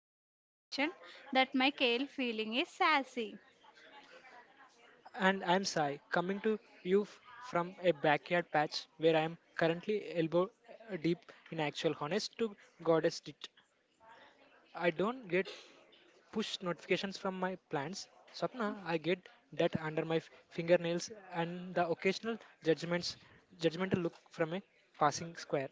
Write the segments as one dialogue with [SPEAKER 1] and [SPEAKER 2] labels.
[SPEAKER 1] push notification that my kale feeling is sassy.
[SPEAKER 2] And I'm Sai, coming to you from a backyard patch where I'm currently elbow deep in actual honest to goddess dit. I don't get push notifications from my plants. Sapna, I get that under my fingernails and the occasional judgments, judgmental look from a passing square.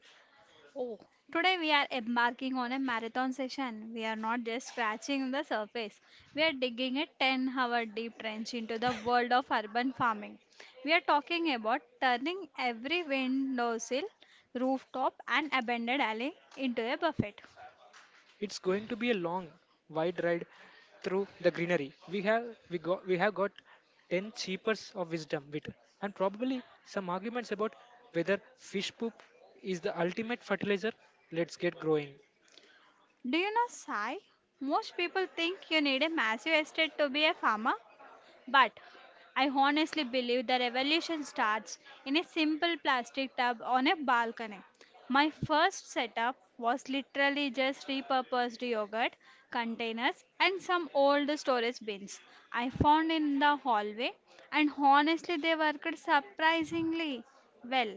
[SPEAKER 1] Oh, today we are embarking on a marathon session. We are not just scratching the surface, we are digging a 10-hour deep trench into the world of urban farming. We are talking about turning every windowsill, rooftop, and abandoned alley into a buffet.
[SPEAKER 2] It's going to be a long, wide ride through the greenery. We have got ten cheapers of wisdom, wit, and probably some arguments about whether fish poop is the ultimate fertilizer. Let's get growing.
[SPEAKER 1] Do you know, Sai? Most people think you need a massive estate to be a farmer, but I honestly believe the revolution starts in a simple plastic tub on a balcony. My first setup was literally just repurposed yogurt containers and some old storage bins I found in the hallway, and honestly, they worked surprisingly well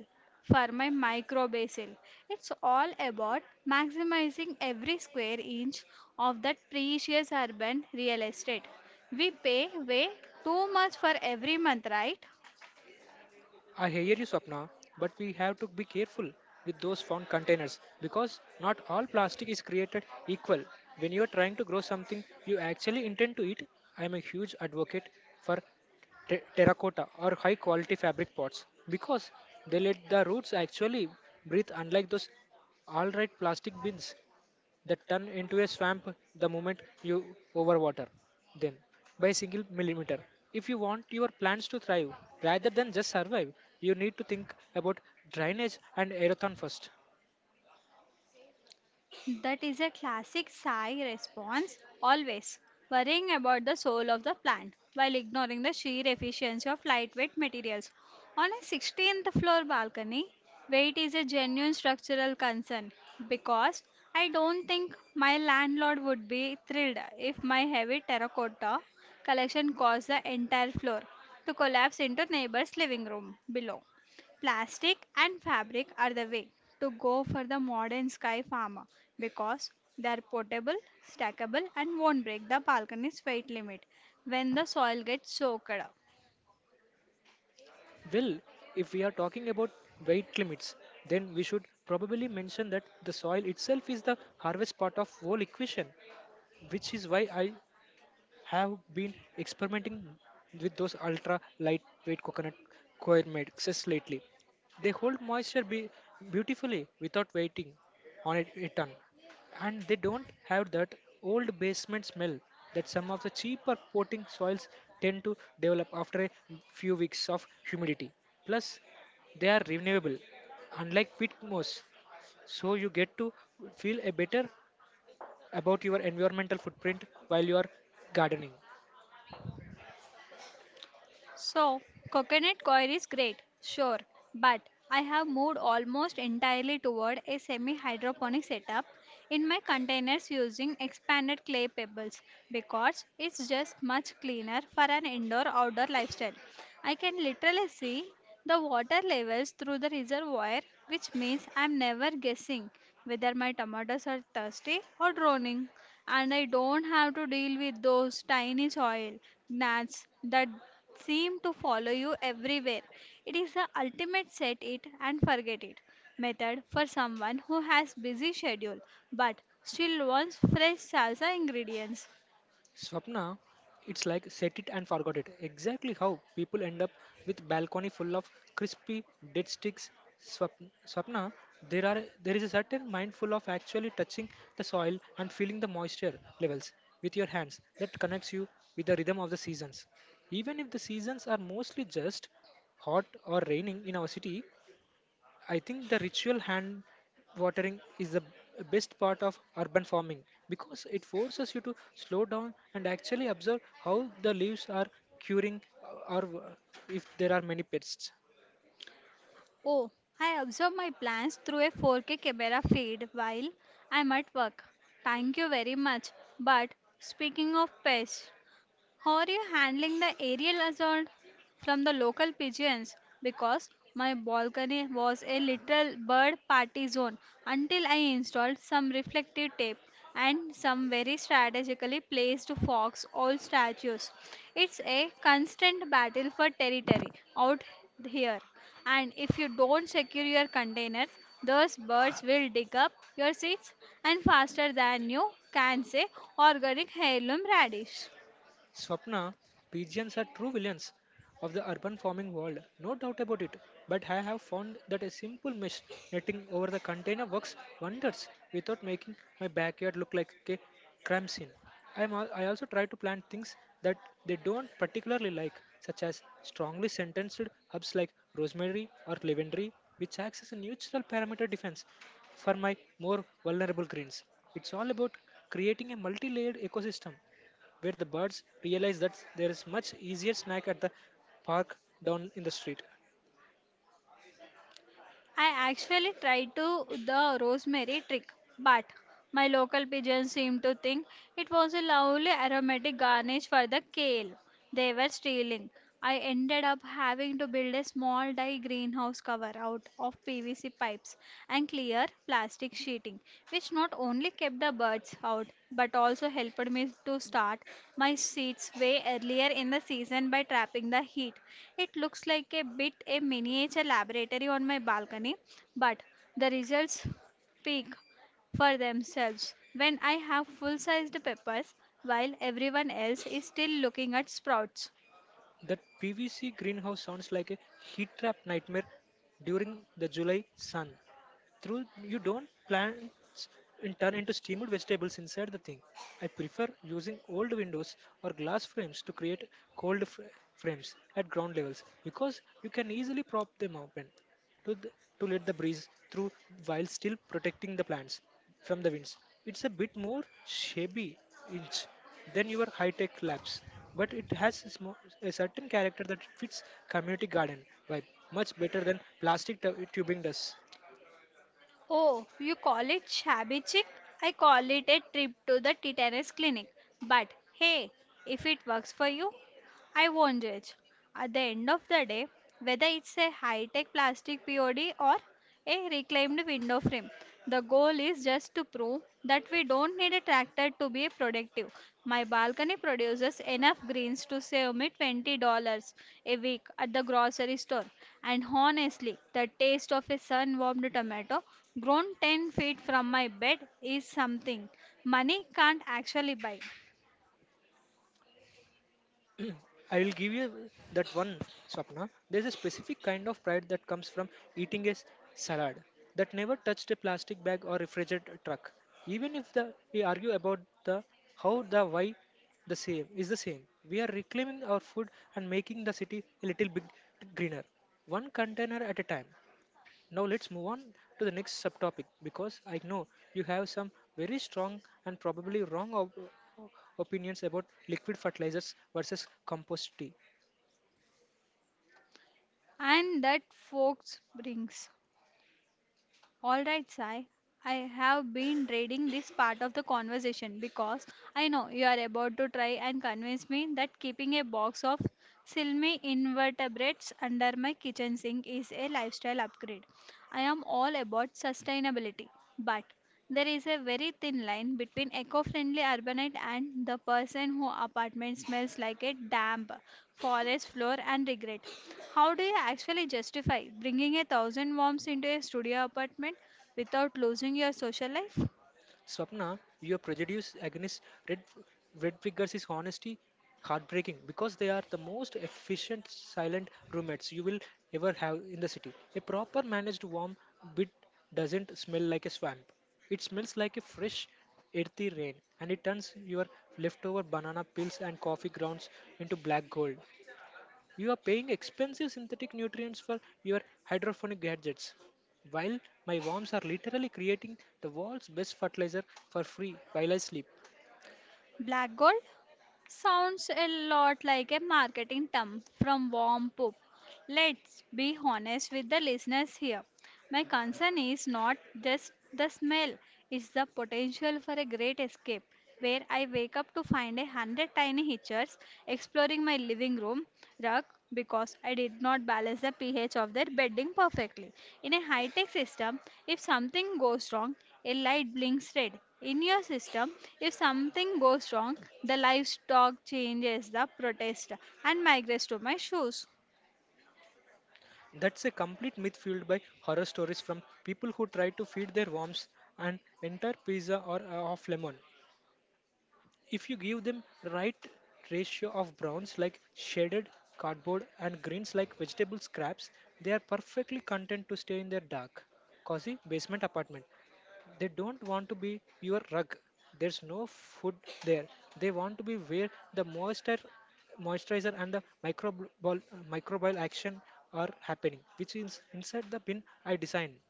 [SPEAKER 1] for my micro basil. It's all about maximizing every square inch of that precious urban real estate. We pay way too much for every month, right?
[SPEAKER 2] I hear you, Swapna, but we have to be careful with those found containers because not all plastic is created equal. When you are trying to grow something you actually intend to eat, I am a huge advocate for terracotta or high quality fabric pots because they let the roots actually breathe, unlike those all right plastic bins that turn into a swamp the moment you overwater them by a single millimeter. If you want your plants to thrive rather than just survive, you need to think about drainage and aeration first.
[SPEAKER 1] That is a classic sigh response, always worrying about the soul of the plant while ignoring the sheer efficiency of lightweight materials. On a 16th floor balcony, weight is a genuine structural concern, because I don't think my landlord would be thrilled if my heavy terracotta collection caused the entire floor to collapse into neighbor's living room below. Plastic and fabric are the way to go for the modern sky farmer, because they are portable, stackable, and won't break the balcony's weight limit when the soil gets soaked up.
[SPEAKER 2] Well, if we are talking about weight limits, then we should probably mention that the soil itself is the harvest part of whole equation, which is why I have been experimenting with those ultra lightweight coconut coir mixes lately. They hold moisture beautifully without waiting on it a ton, and they don't have that old basement smell that some of the cheaper potting soils tend to develop after a few weeks of humidity. Plus, they are renewable, unlike pit moss, so you get to feel a better about your environmental footprint while you are gardening.
[SPEAKER 1] So, coconut coir is great, sure, but I have moved almost entirely toward a semi hydroponic setup in my containers using expanded clay pebbles, because it's just much cleaner for an indoor outdoor lifestyle. I can literally see the water levels through the reservoir, which means I'm never guessing whether my tomatoes are thirsty or drowning, and I don't have to deal with those tiny soil gnats that seem to follow you everywhere. It is the ultimate set it and forget it method for someone who has busy schedule, but still wants fresh salsa ingredients.
[SPEAKER 2] Swapna, it's like set it and forget it. Exactly how people end up with balcony full of crispy dead sticks. Swap- Swapna, there is a certain mindful of actually touching the soil and feeling the moisture levels with your hands that connects you with the rhythm of the seasons. Even if the seasons are mostly just hot or raining in our city, I think the ritual hand watering is the best part of urban farming because it forces you to slow down and actually observe how the leaves are curing or if there are many pests.
[SPEAKER 1] Oh, I observe my plans through a 4K camera feed while I'm at work. Thank you very much. But speaking of pests, how are you handling the aerial assault from the local pigeons? Because my balcony was a little bird party zone until I installed some reflective tape and some very strategically placed fox owl statues. It's a constant battle for territory out here, and if you don't secure your container, those birds will dig up your seeds and faster than you can say organic heirloom radish.
[SPEAKER 2] Swapna, pigeons are true villains of the urban farming world, no doubt about it. But I have found that a simple mesh netting over the container works wonders without making my backyard look like a crime scene. I also try to plant things that they don't particularly like, such as strongly sentenced herbs like rosemary or lavender, which acts as a neutral parameter defense for my more vulnerable greens. It's all about creating a multi layered ecosystem where the birds realize that there is much easier snack at the park down in the street.
[SPEAKER 1] I actually tried to the rosemary trick, but my local pigeons seemed to think it was a lovely aromatic garnish for the kale they were stealing. I ended up having to build a small dye greenhouse cover out of PVC pipes nets and clear plastic sheeting, which not only kept the birds out but also helped me to start my seeds way earlier in the season by trapping the heat. It looks like a bit a miniature laboratory on my balcony, but the results speak for themselves when I have full sized peppers while everyone else is still looking at sprouts.
[SPEAKER 2] That PVC greenhouse sounds like a heat trap nightmare during the July sun. Through you don't plants in turn into steamed vegetables inside the thing. I prefer using old windows or glass frames to create cold frames at ground levels because you can easily prop them open. to, the, to let the breeze through while still protecting the plants from the winds. It's a bit more shabby inch than your high-tech labs, but it has a, small, a certain character that it fits community garden vibe much better than plastic tubing does.
[SPEAKER 1] Oh, you call it shabby chic? I call it a trip to the tetanus clinic. But hey, if it works for you, I wondered at the end of the day whether it's a high tech plastic POD or a reclaimed window frame. The goal is just to prove that we don't need a tractor to be productive. My balcony produces enough greens to save me $20 a week at the grocery store. And honestly, the taste of a sun warmed tomato grown 10 feet from my bed is something money can't actually buy.
[SPEAKER 2] I will give you that one, Swapna. There's a specific kind of pride that comes from eating a salad that never touched a plastic bag or refrigerated truck. Even if the, we argue about the how, the why, the same is the same. We are reclaiming our food and making the city a little bit greener, one container at a time. Now let's move on to the next subtopic because I know you have some very strong and probably wrong opinions about liquid fertilizers versus compost tea.
[SPEAKER 1] And that folks brings. All right, Sai. I have been dreading this part of the conversation, because I know you are about to try and convince me that keeping a box of silmy invertebrates under my kitchen sink is a lifestyle upgrade. I am all about sustainability, but there is a very thin line between eco-friendly urbanite and the person who apartment smells like a damp forest floor and regret. How do you actually justify bringing 1,000 worms into a studio apartment without losing your social life?
[SPEAKER 2] Swapna, your prejudice against red red figures is honesty heartbreaking because they are the most efficient silent roommates you will ever have in the city. A proper managed warm bed doesn't smell like a swamp. It smells like a fresh earthy rain, and it turns your leftover banana peels and coffee grounds into black gold. You are paying expensive synthetic nutrients for your hydroponic gadgets, while my worms are literally creating the world's best fertilizer for free while I sleep.
[SPEAKER 1] Black gold sounds a lot like a marketing term from warm poop. Let's be honest with the listeners here. My concern is not just the smell, it's the potential for a great escape, where I wake up to find 100 tiny hitchers exploring my living room rug because I did not balance the pH of their bedding perfectly. In a high tech system, if something goes wrong, a light blinks red. In your system, if something goes wrong, the livestock changes the protest and migrates to my shoes.
[SPEAKER 2] That's a complete myth fueled by horror stories from people who try to feed their worms an entire pizza or of lemon. If you give them right ratio of browns like shaded cardboard and greens like vegetable scraps, they are perfectly content to stay in their dark, cozy basement apartment. They don't want to be your rug. There's no food there. They want to be where the moisture moisturizer and the microbial action are happening, which is inside the bin I designed.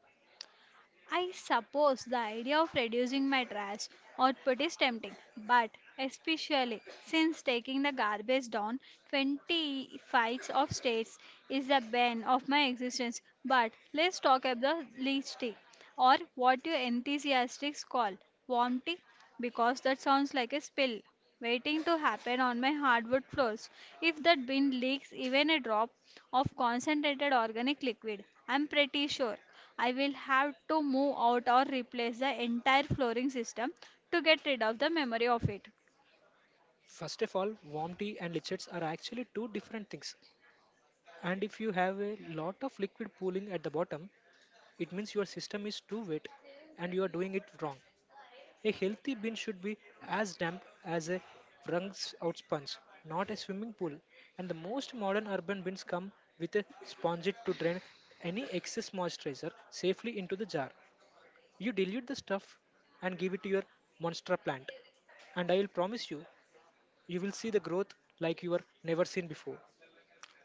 [SPEAKER 1] I suppose the idea of reducing my trash output is tempting, but especially since taking the garbage down 25 of states is the bane of my existence. But let's talk about the leech tea, or what you enthusiastics call warm tea, because that sounds like a spill waiting to happen on my hardwood floors. If that bin leaks even a drop of concentrated organic liquid, I'm pretty sure I will have to move out or replace the entire flooring system to get rid of the memory of it.
[SPEAKER 2] First of all, warm tea and lichens are actually two different things. And if you have a lot of liquid pooling at the bottom, it means your system is too wet and you are doing it wrong. A healthy bin should be as damp as a wrung out sponge, not a swimming pool. And the most modern urban bins come with a sponge to drain any excess moisturizer safely into the jar. You dilute the stuff and give it to your monster plant, and I will promise you, you will see the growth like you were never seen before.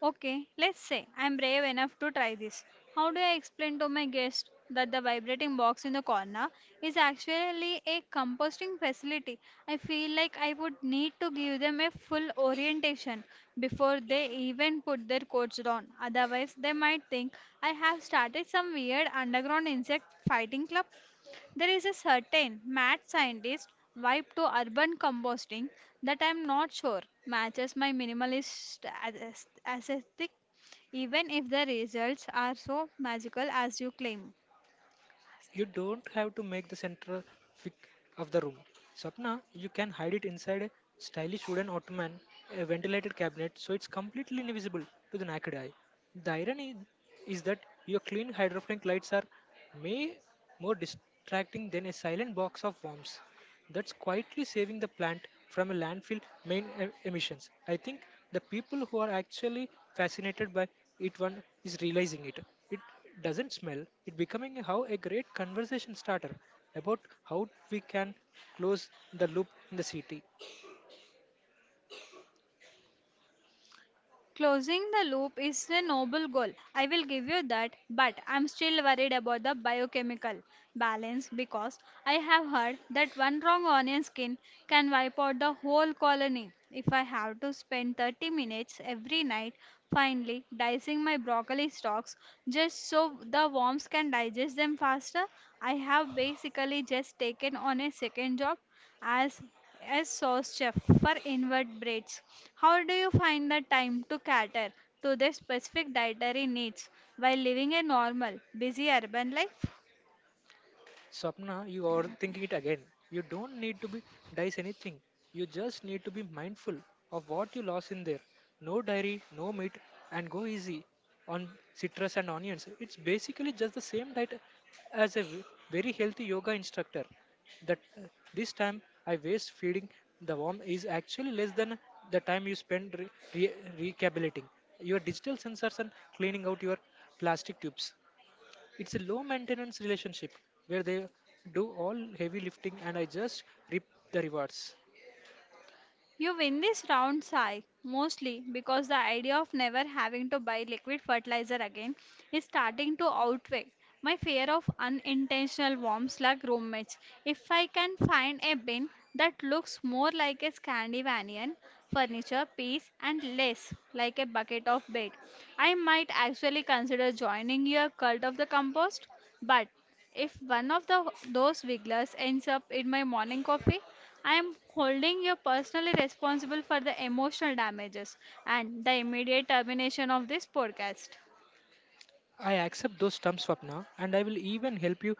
[SPEAKER 1] Okay, let's say I'm brave enough to try this. How do I explain to my guest that the vibrating box in the corner is actually a composting facility? I feel like I would need to give them a full orientation before they even put their coats on. Otherwise, they might think I have started some weird underground insect fighting club. There is a certain mad scientist vibe to urban composting that I'm not sure matches my minimalist aesthetic, even if the results are so magical as you claim.
[SPEAKER 2] You don't have to make the center fic of the room. Sapna, you can hide it inside a stylish wooden ottoman, a ventilated cabinet, so it's completely invisible to the naked eye. The irony is that your clean hydrophilic lights are may more distracting than a silent box of worms that's quietly saving the plant from a landfill main emissions. I think the people who are actually fascinated by it one is realizing it. It doesn't smell. It becoming how a great conversation starter about how we can close the loop in the city.
[SPEAKER 1] Closing the loop is a noble goal. I will give you that, but I'm still worried about the biochemical balance, because I have heard that one wrong onion skin can wipe out the whole colony. If I have to spend 30 minutes every night finely dicing my broccoli stalks just so the worms can digest them faster, I have basically just taken on a second job as as sous chef for invertebrates. How do you find the time to cater to their specific dietary needs while living a normal, busy urban life?
[SPEAKER 2] Swapna, you are thinking it again. You don't need to be dice anything. You just need to be mindful of what you lost in there. No dairy, no meat, and go easy on citrus and onions. It's basically just the same diet as a very healthy yoga instructor. That this time I waste feeding the worm is actually less than the time you spend recalibrating your digital sensors and cleaning out your plastic tubes. It's a low maintenance relationship where they do all heavy lifting and I just reap the rewards.
[SPEAKER 1] You win this round, Sai, mostly because the idea of never having to buy liquid fertilizer again is starting to outweigh my fear of unintentional warm slug roommates. If I can find a bin that looks more like a Scandinavian furniture piece and less like a bucket of bait, I might actually consider joining your cult of the compost. But if one of those wigglers ends up in my morning coffee, I am holding you personally responsible for the emotional damages and the immediate termination of this podcast.
[SPEAKER 2] I accept those terms, Swapna, and I will even help you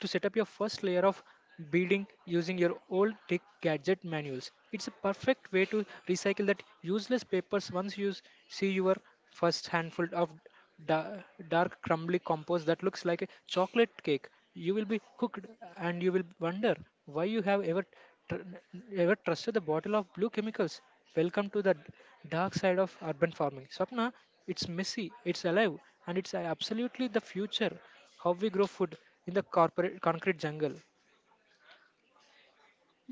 [SPEAKER 2] to set up your first layer of beading using your old tech gadget manuals. It's a perfect way to recycle that useless papers once you see your first handful of da- dark crumbly compost that looks like a chocolate cake. You will be hooked and you will wonder why you have ever ever trusted the bottle of blue chemicals. Welcome to the dark side of urban farming. Swapna, it's messy, it's alive, and it's absolutely the future. How we grow food in the corporate concrete jungle.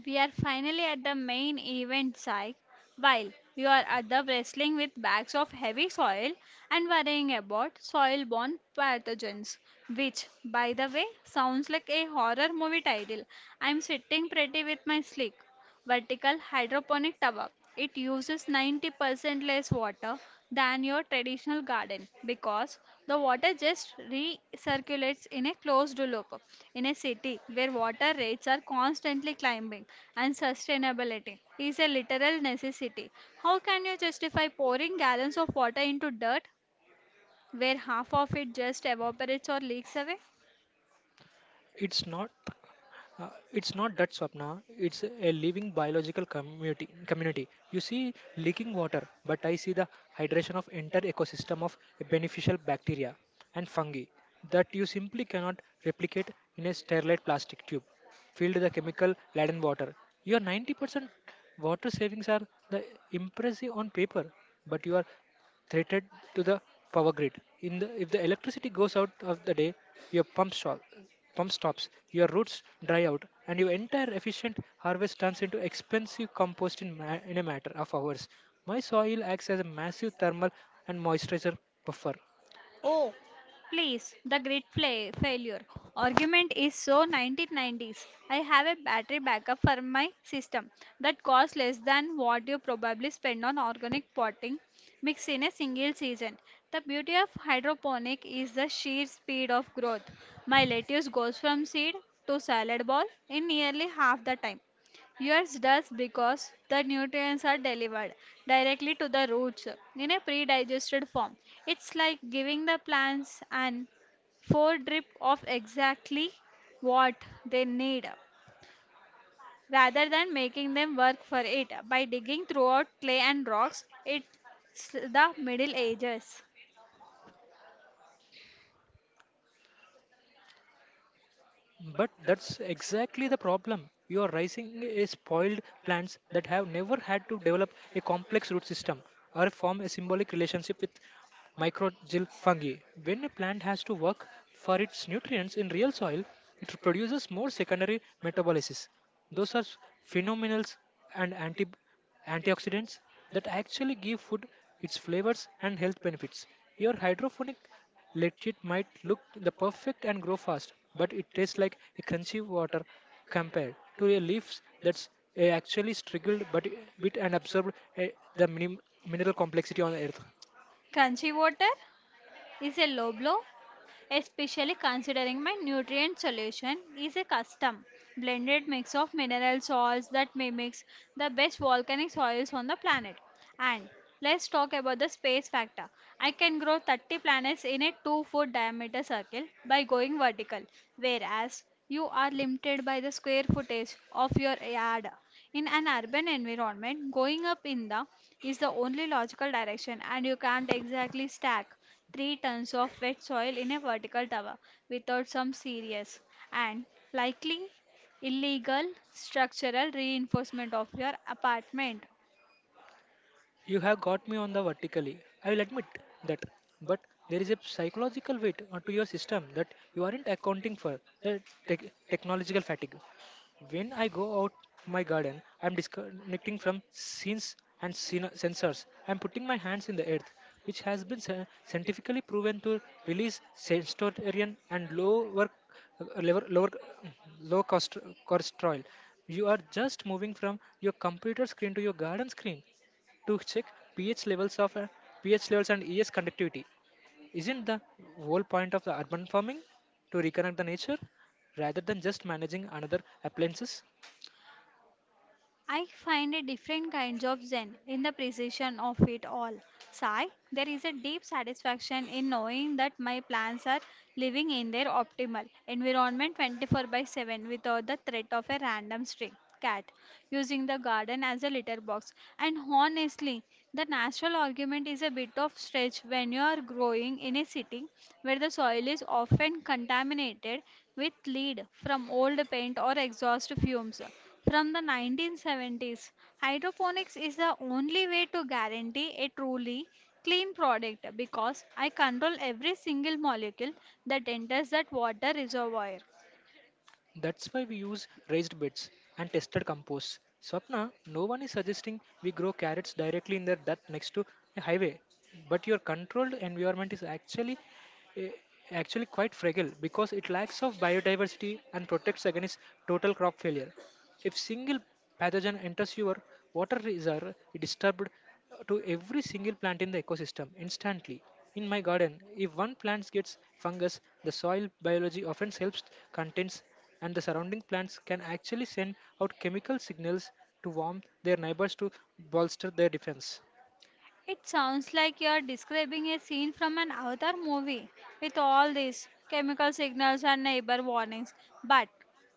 [SPEAKER 1] We are finally at the main event, Sai. While you are at the wrestling with bags of heavy soil and worrying about soil borne pathogens, which, by the way, sounds like a horror movie title. I'm sitting pretty with my slick vertical hydroponic towers. It uses 90% less water than your traditional garden, because the water just recirculates in a closed loop. In a city where water rates are constantly climbing and sustainability is a literal necessity, how can you justify pouring gallons of water into dirt where half of it just evaporates or leaks away?
[SPEAKER 2] It's not. uh, it's not that, Swapna. It's a living biological community. You see leaking water, but I see the hydration of entire ecosystem of beneficial bacteria and fungi that you simply cannot replicate in a sterilized plastic tube filled with the chemical laden water. Your 90% water savings are the impressive on paper, but you are threatened to the power grid in the if the electricity goes out of the day, your pump stops, your roots dry out, and your entire efficient harvest turns into expensive compost in a matter of hours. My soil acts as a massive thermal and moisturizer buffer.
[SPEAKER 1] Oh, please, the great failure argument is so 1990s. I have a battery backup for my system that costs less than what you probably spend on organic potting mix in a single season. The beauty of hydroponic is the sheer speed of growth. My lettuce goes from seed to salad ball in nearly half the time. Yours does because the nutrients are delivered directly to the roots in a pre-digested form. It's like giving the plants an foredrip of exactly what they need rather than making them work for it by digging throughout clay and rocks. It's the Middle Ages.
[SPEAKER 2] But that's exactly the problem. You are raising a spoiled plants that have never had to develop a complex root system or form a symbolic relationship with microgyl fungi. When a plant has to work for its nutrients in real soil, it produces more secondary metabolites. Those are phenomenal and antibiotics antioxidants that actually give food its flavors and health benefits. Your hydroponic legit might look the perfect and grow fast, but it tastes like a crunchy water compared to a leaf that's actually struggled but bit and absorbed uh, the mineral complexity on earth.
[SPEAKER 1] Crunchy water? Is a low blow, especially considering my nutrient solution is a custom blended mix of mineral salts that mimics the best volcanic soils on the planet. And let's talk about the space factor. I can grow 30 planets in a 2-foot diameter circle by going vertical, whereas you are limited by the square footage of your yard. In an urban environment, going up in the is the only logical direction, and you can't exactly stack 3 tons of wet soil in a vertical tower without some serious and likely illegal structural reinforcement of your apartment.
[SPEAKER 2] You have got me on the vertically. I will admit that. But there is a psychological weight onto your system that you aren't accounting for the technological fatigue. When I go out my garden, I'm disconnecting from scenes and sensors. I'm putting my hands in the earth, which has been scientifically proven to release serotonin and lower lower low cost cortisol. You are just moving from your computer screen to your garden screen to check pH levels of uh, pH levels and ES conductivity. Isn't the whole point of the urban farming to reconnect the nature rather than just managing another appliances?
[SPEAKER 1] I find a different kinds of zen in the precision of it all. Sai, there is a deep satisfaction in knowing that my plants are living in their optimal environment 24 by 7 without the threat of a random stray cat using the garden as a litter box. And honestly, the natural argument is a bit of stretch when you are growing in a city where the soil is often contaminated with lead from old paint or exhaust fumes from the 1970s. Hydroponics is the only way to guarantee a truly clean product because I control every single molecule that enters that water reservoir.
[SPEAKER 2] That's why we use raised beds and tested compost. Swapna, no one is suggesting we grow carrots directly in their dirt next to a highway, but your controlled environment is actually eh, actually quite fragile because it lacks of biodiversity and protects against total crop failure. If single pathogen enters your water reservoir, it disturbed to every single plant in the ecosystem instantly. In my garden, if one plant gets fungus, the soil biology often helps contains and the surrounding plants can actually send out chemical signals to warn their neighbors to bolster their defense.
[SPEAKER 1] It sounds like you are describing a scene from an Avatar movie with all these chemical signals and neighbor warnings. But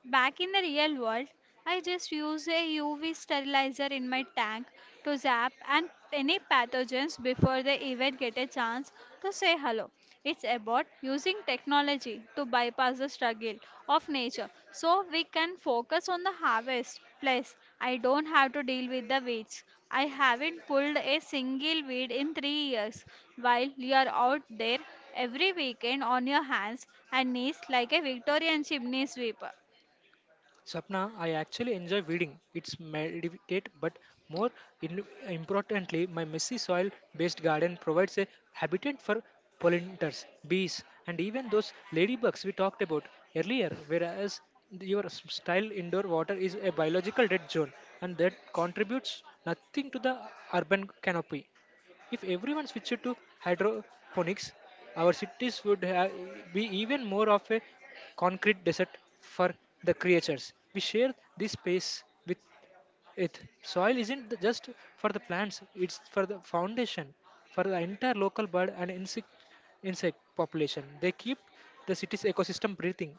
[SPEAKER 1] back in the real world, I just use a UV sterilizer in my tank to zap and any pathogens before they even get a chance to say hello. It's about using technology to bypass the struggle of nature so we can focus on the harvest. Plus, I don't have to deal with the weeds. I haven't pulled a single weed in 3 years while you're out there every weekend on your hands and knees like a Victorian chimney sweeper.
[SPEAKER 2] Sapna, I actually enjoy weeding. It's meditate, but more importantly, my messy soil based garden provides a habitat for pollinators, bees, and even those ladybugs we talked about earlier. Whereas your style indoor water is a biological dead zone and that contributes nothing to the urban canopy. If everyone switched to hydroponics, our cities would be even more of a concrete desert for the creatures. We share this space with it. Soil isn't just for the plants, it's for the foundation, for the entire local bird and insect population. They keep the city's ecosystem breathing.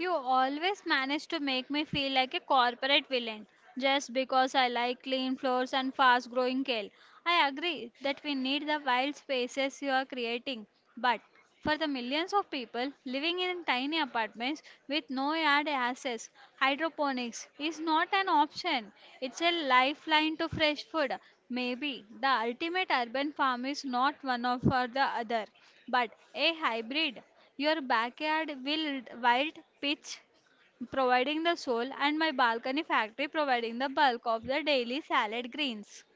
[SPEAKER 1] You always manage to make me feel like a corporate villain just because I like clean floors and fast growing kale. I agree that we need the wild spaces you are creating, but for the millions of people living in tiny apartments with no yard access, hydroponics is not an option. It's a lifeline to fresh food. Maybe the ultimate urban farm is not one of or the other, but a hybrid. Your backyard wild, wild pitch providing the soul, and my balcony factory providing the bulk of the daily salad greens.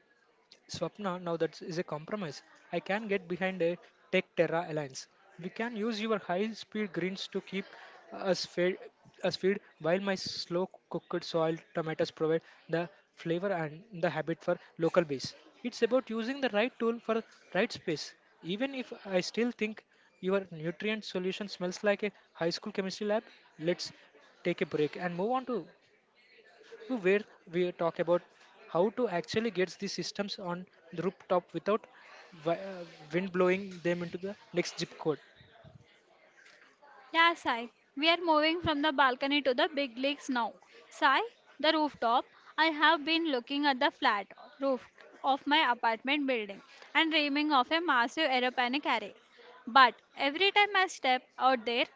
[SPEAKER 2] Swapna, now that is a compromise. I can get behind a Tech Terra alliance. We can use your high-speed greens to keep us fed, us fed while my slow-cooked soil tomatoes provide the flavor and the habit for local base. It's about using the right tool for right space. Even if I still think your nutrient solution smells like a high school chemistry lab, let's take a break and move on to where we talk about how to actually get these systems on the rooftop without wi- uh, wind blowing them into the next zip code.
[SPEAKER 1] Yeah, Sai. We are moving from the balcony to the big leagues now. Sai, the rooftop. I have been looking at the flat roof of my apartment building and dreaming of a massive aeroplanic array. But every time I step out there,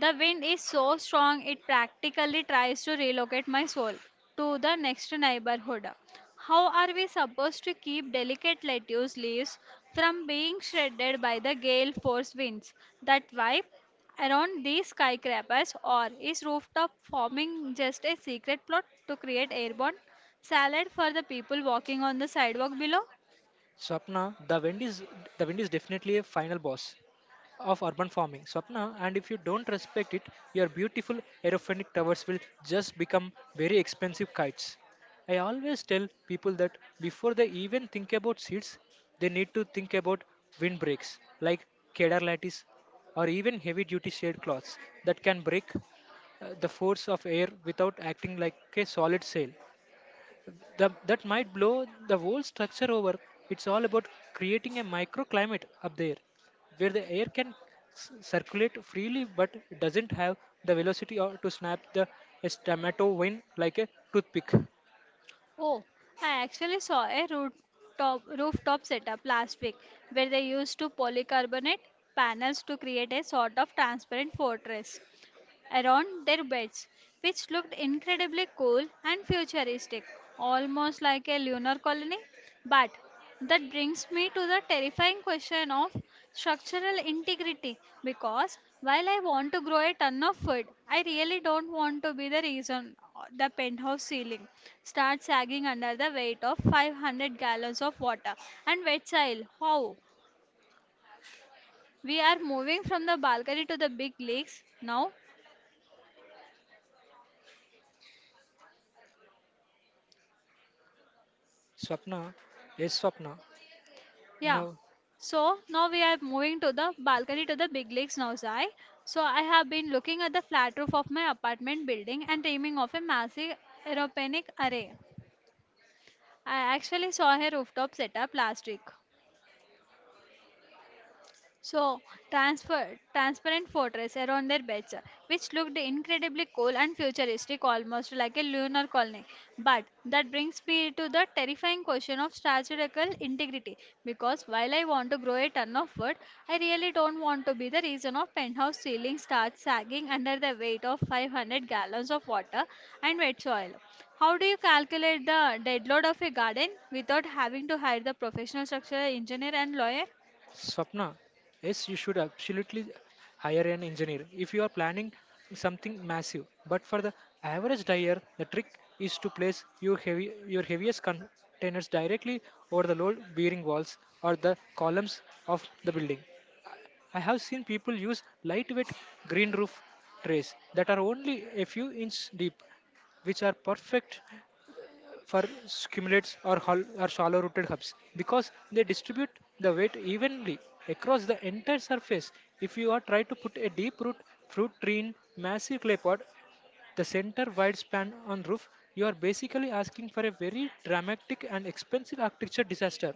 [SPEAKER 1] the wind is so strong it practically tries to relocate my soul to the next neighborhood. How are we supposed to keep delicate lettuce leaves from being shredded by the gale force winds that wipe around these skyscrapers? Or is rooftop forming just a secret plot to create airborne salad for the people walking on the sidewalk below?
[SPEAKER 2] Swapna, the wind is definitely a final boss. Of urban farming, Swapna. And if you don't respect it, your beautiful aerophonic towers will just become very expensive kites. I always tell people that before they even think about seeds, they need to think about windbreaks like kedar lattice or even heavy duty shade cloths that can break the force of air without acting like a solid sail the, that might blow the whole structure over. It's all about creating a microclimate up there where the air can s- circulate freely but it doesn't have the velocity or to snap the a tomato like a toothpick.
[SPEAKER 1] Oh, I actually saw a rooftop setup last week where they used to polycarbonate panels to create a sort of transparent fortress around their beds, which looked incredibly cool and futuristic, almost like a lunar colony. But that brings me to the terrifying question of structural integrity, because while I want to grow a ton of food, I really don't want to be the reason the penthouse ceiling starts sagging under the weight of 500 gallons of water and wet soil. How? We are moving from the balcony to the big leagues now.
[SPEAKER 2] Swapna, yes, Swapna.
[SPEAKER 1] Yeah.
[SPEAKER 2] Now,
[SPEAKER 1] So now we are moving to the balcony to the big lakes now, Zai. So I have been looking at the flat roof of my apartment building and dreaming of a massive aeroponic array. I actually saw a rooftop setup last week. So, transparent fortress around their beds, which looked incredibly cool and futuristic, almost like a lunar colony. But that brings me to the terrifying question of strategical integrity, because while I want to grow a ton of wood, I really don't want to be the reason of penthouse ceiling starts sagging under the weight of 500 gallons of water and wet soil. How do you calculate the dead load of a garden without having to hire the professional structural engineer and lawyer?
[SPEAKER 2] Swapna, yes, you should absolutely hire an engineer if you are planning something massive. But for the average dyer, the trick is to place your heavy your heaviest containers directly over the load bearing walls or the columns of the building. I have seen people use lightweight green roof trays that are only a few inches deep, which are perfect for cumulates or shallow rooted hubs because they distribute the weight evenly across the entire surface. If you are trying to put a deep root fruit tree in massive clay pot, the center wide span on roof, you are basically asking for a very dramatic and expensive architecture disaster.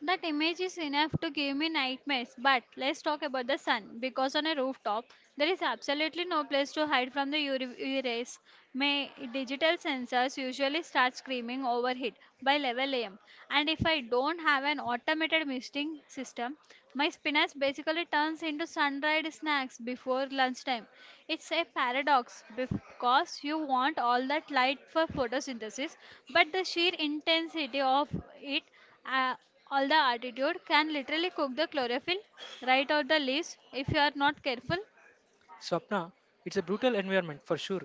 [SPEAKER 1] That image is enough to give me nightmares. But let's talk about the sun, because on a rooftop there is absolutely no place to hide from the UV rays. My digital sensors usually start screaming overheat by 11 am. And if I don't have an automated misting system, my spinach basically turns into sun-dried snacks before lunchtime. It's a paradox because you want all that light for photosynthesis, but the sheer intensity of it uh, all the altitude can literally cook the chlorophyll right out the leaves if you are not careful.
[SPEAKER 2] Swapna, it's a brutal environment for sure,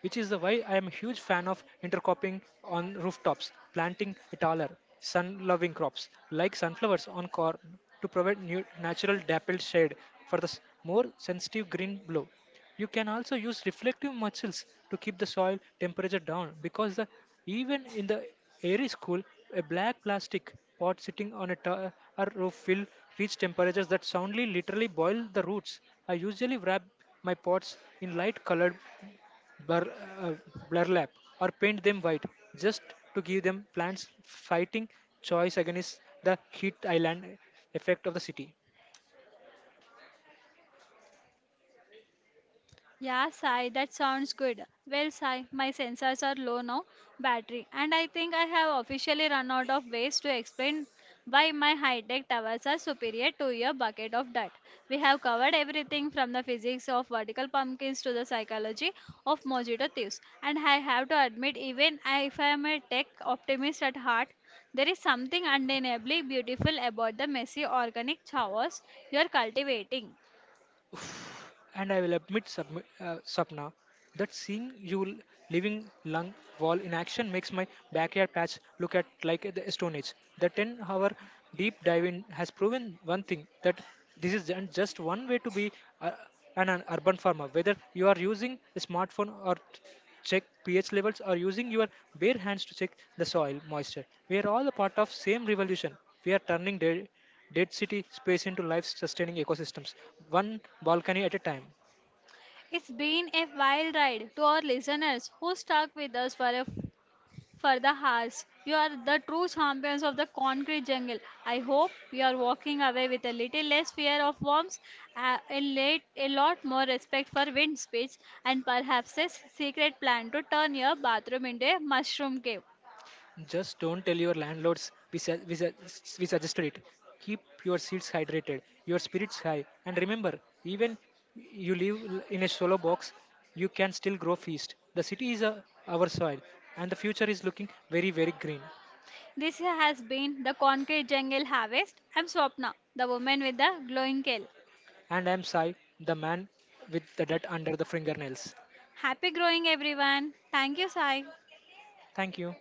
[SPEAKER 2] which is the why I am a huge fan of intercropping on rooftops, planting taller, sun-loving crops like sunflowers on corn to provide new natural dappled shade for the more sensitive green glow. You can also use reflective mulches to keep the soil temperature down because even in the airy school, a black plastic pot sitting on a tar or roof will reach temperatures that soundly literally boil the roots. I usually wrap my pots in light colored blur, uh, blur lap or paint them white just to give them plants fighting choice against the heat island effect of the city.
[SPEAKER 1] Yeah, Sai, that sounds good. Well, Sai, my sensors are low now, battery, and I think I have officially run out of ways to explain why my high-tech towers are superior to your bucket of dirt. We have covered everything from the physics of vertical pumpkins to the psychology of mosquito thieves, and I have to admit, if I am a tech optimist at heart, there is something undeniably beautiful about the messy organic chaos you are cultivating.
[SPEAKER 2] Oof. And I will admit, Sapna, that seeing you living lung wall in action makes my backyard patch look at like the Stone Age. The 10-hour deep dive in has proven one thing that this is just one way to be uh, an urban farmer. Whether you are using a smartphone or check pH levels or using your bare hands to check the soil moisture, we are all a part of same revolution. We are turning day Dead City space into life sustaining ecosystems, one balcony at a time.
[SPEAKER 1] It's been a wild ride to our listeners who stuck with us for the hours. You are the true champions of the concrete jungle. I hope you are walking away with a little less fear of worms, a lot more respect for wind speeds, and perhaps a secret plan to turn your bathroom into a mushroom cave.
[SPEAKER 2] Just don't tell your landlords we suggested it. Keep your seeds hydrated, your spirits high, and remember, even you in a solo box, you can still grow feast. The city is our soil, and the future is looking very, very green.
[SPEAKER 1] This has been the concrete jungle harvest. I'm Swapna, the woman with the glowing kale.
[SPEAKER 2] And I'm Sai, the man with the dirt under the fingernails.
[SPEAKER 1] Happy growing, everyone. Thank you, Sai.
[SPEAKER 2] Thank you.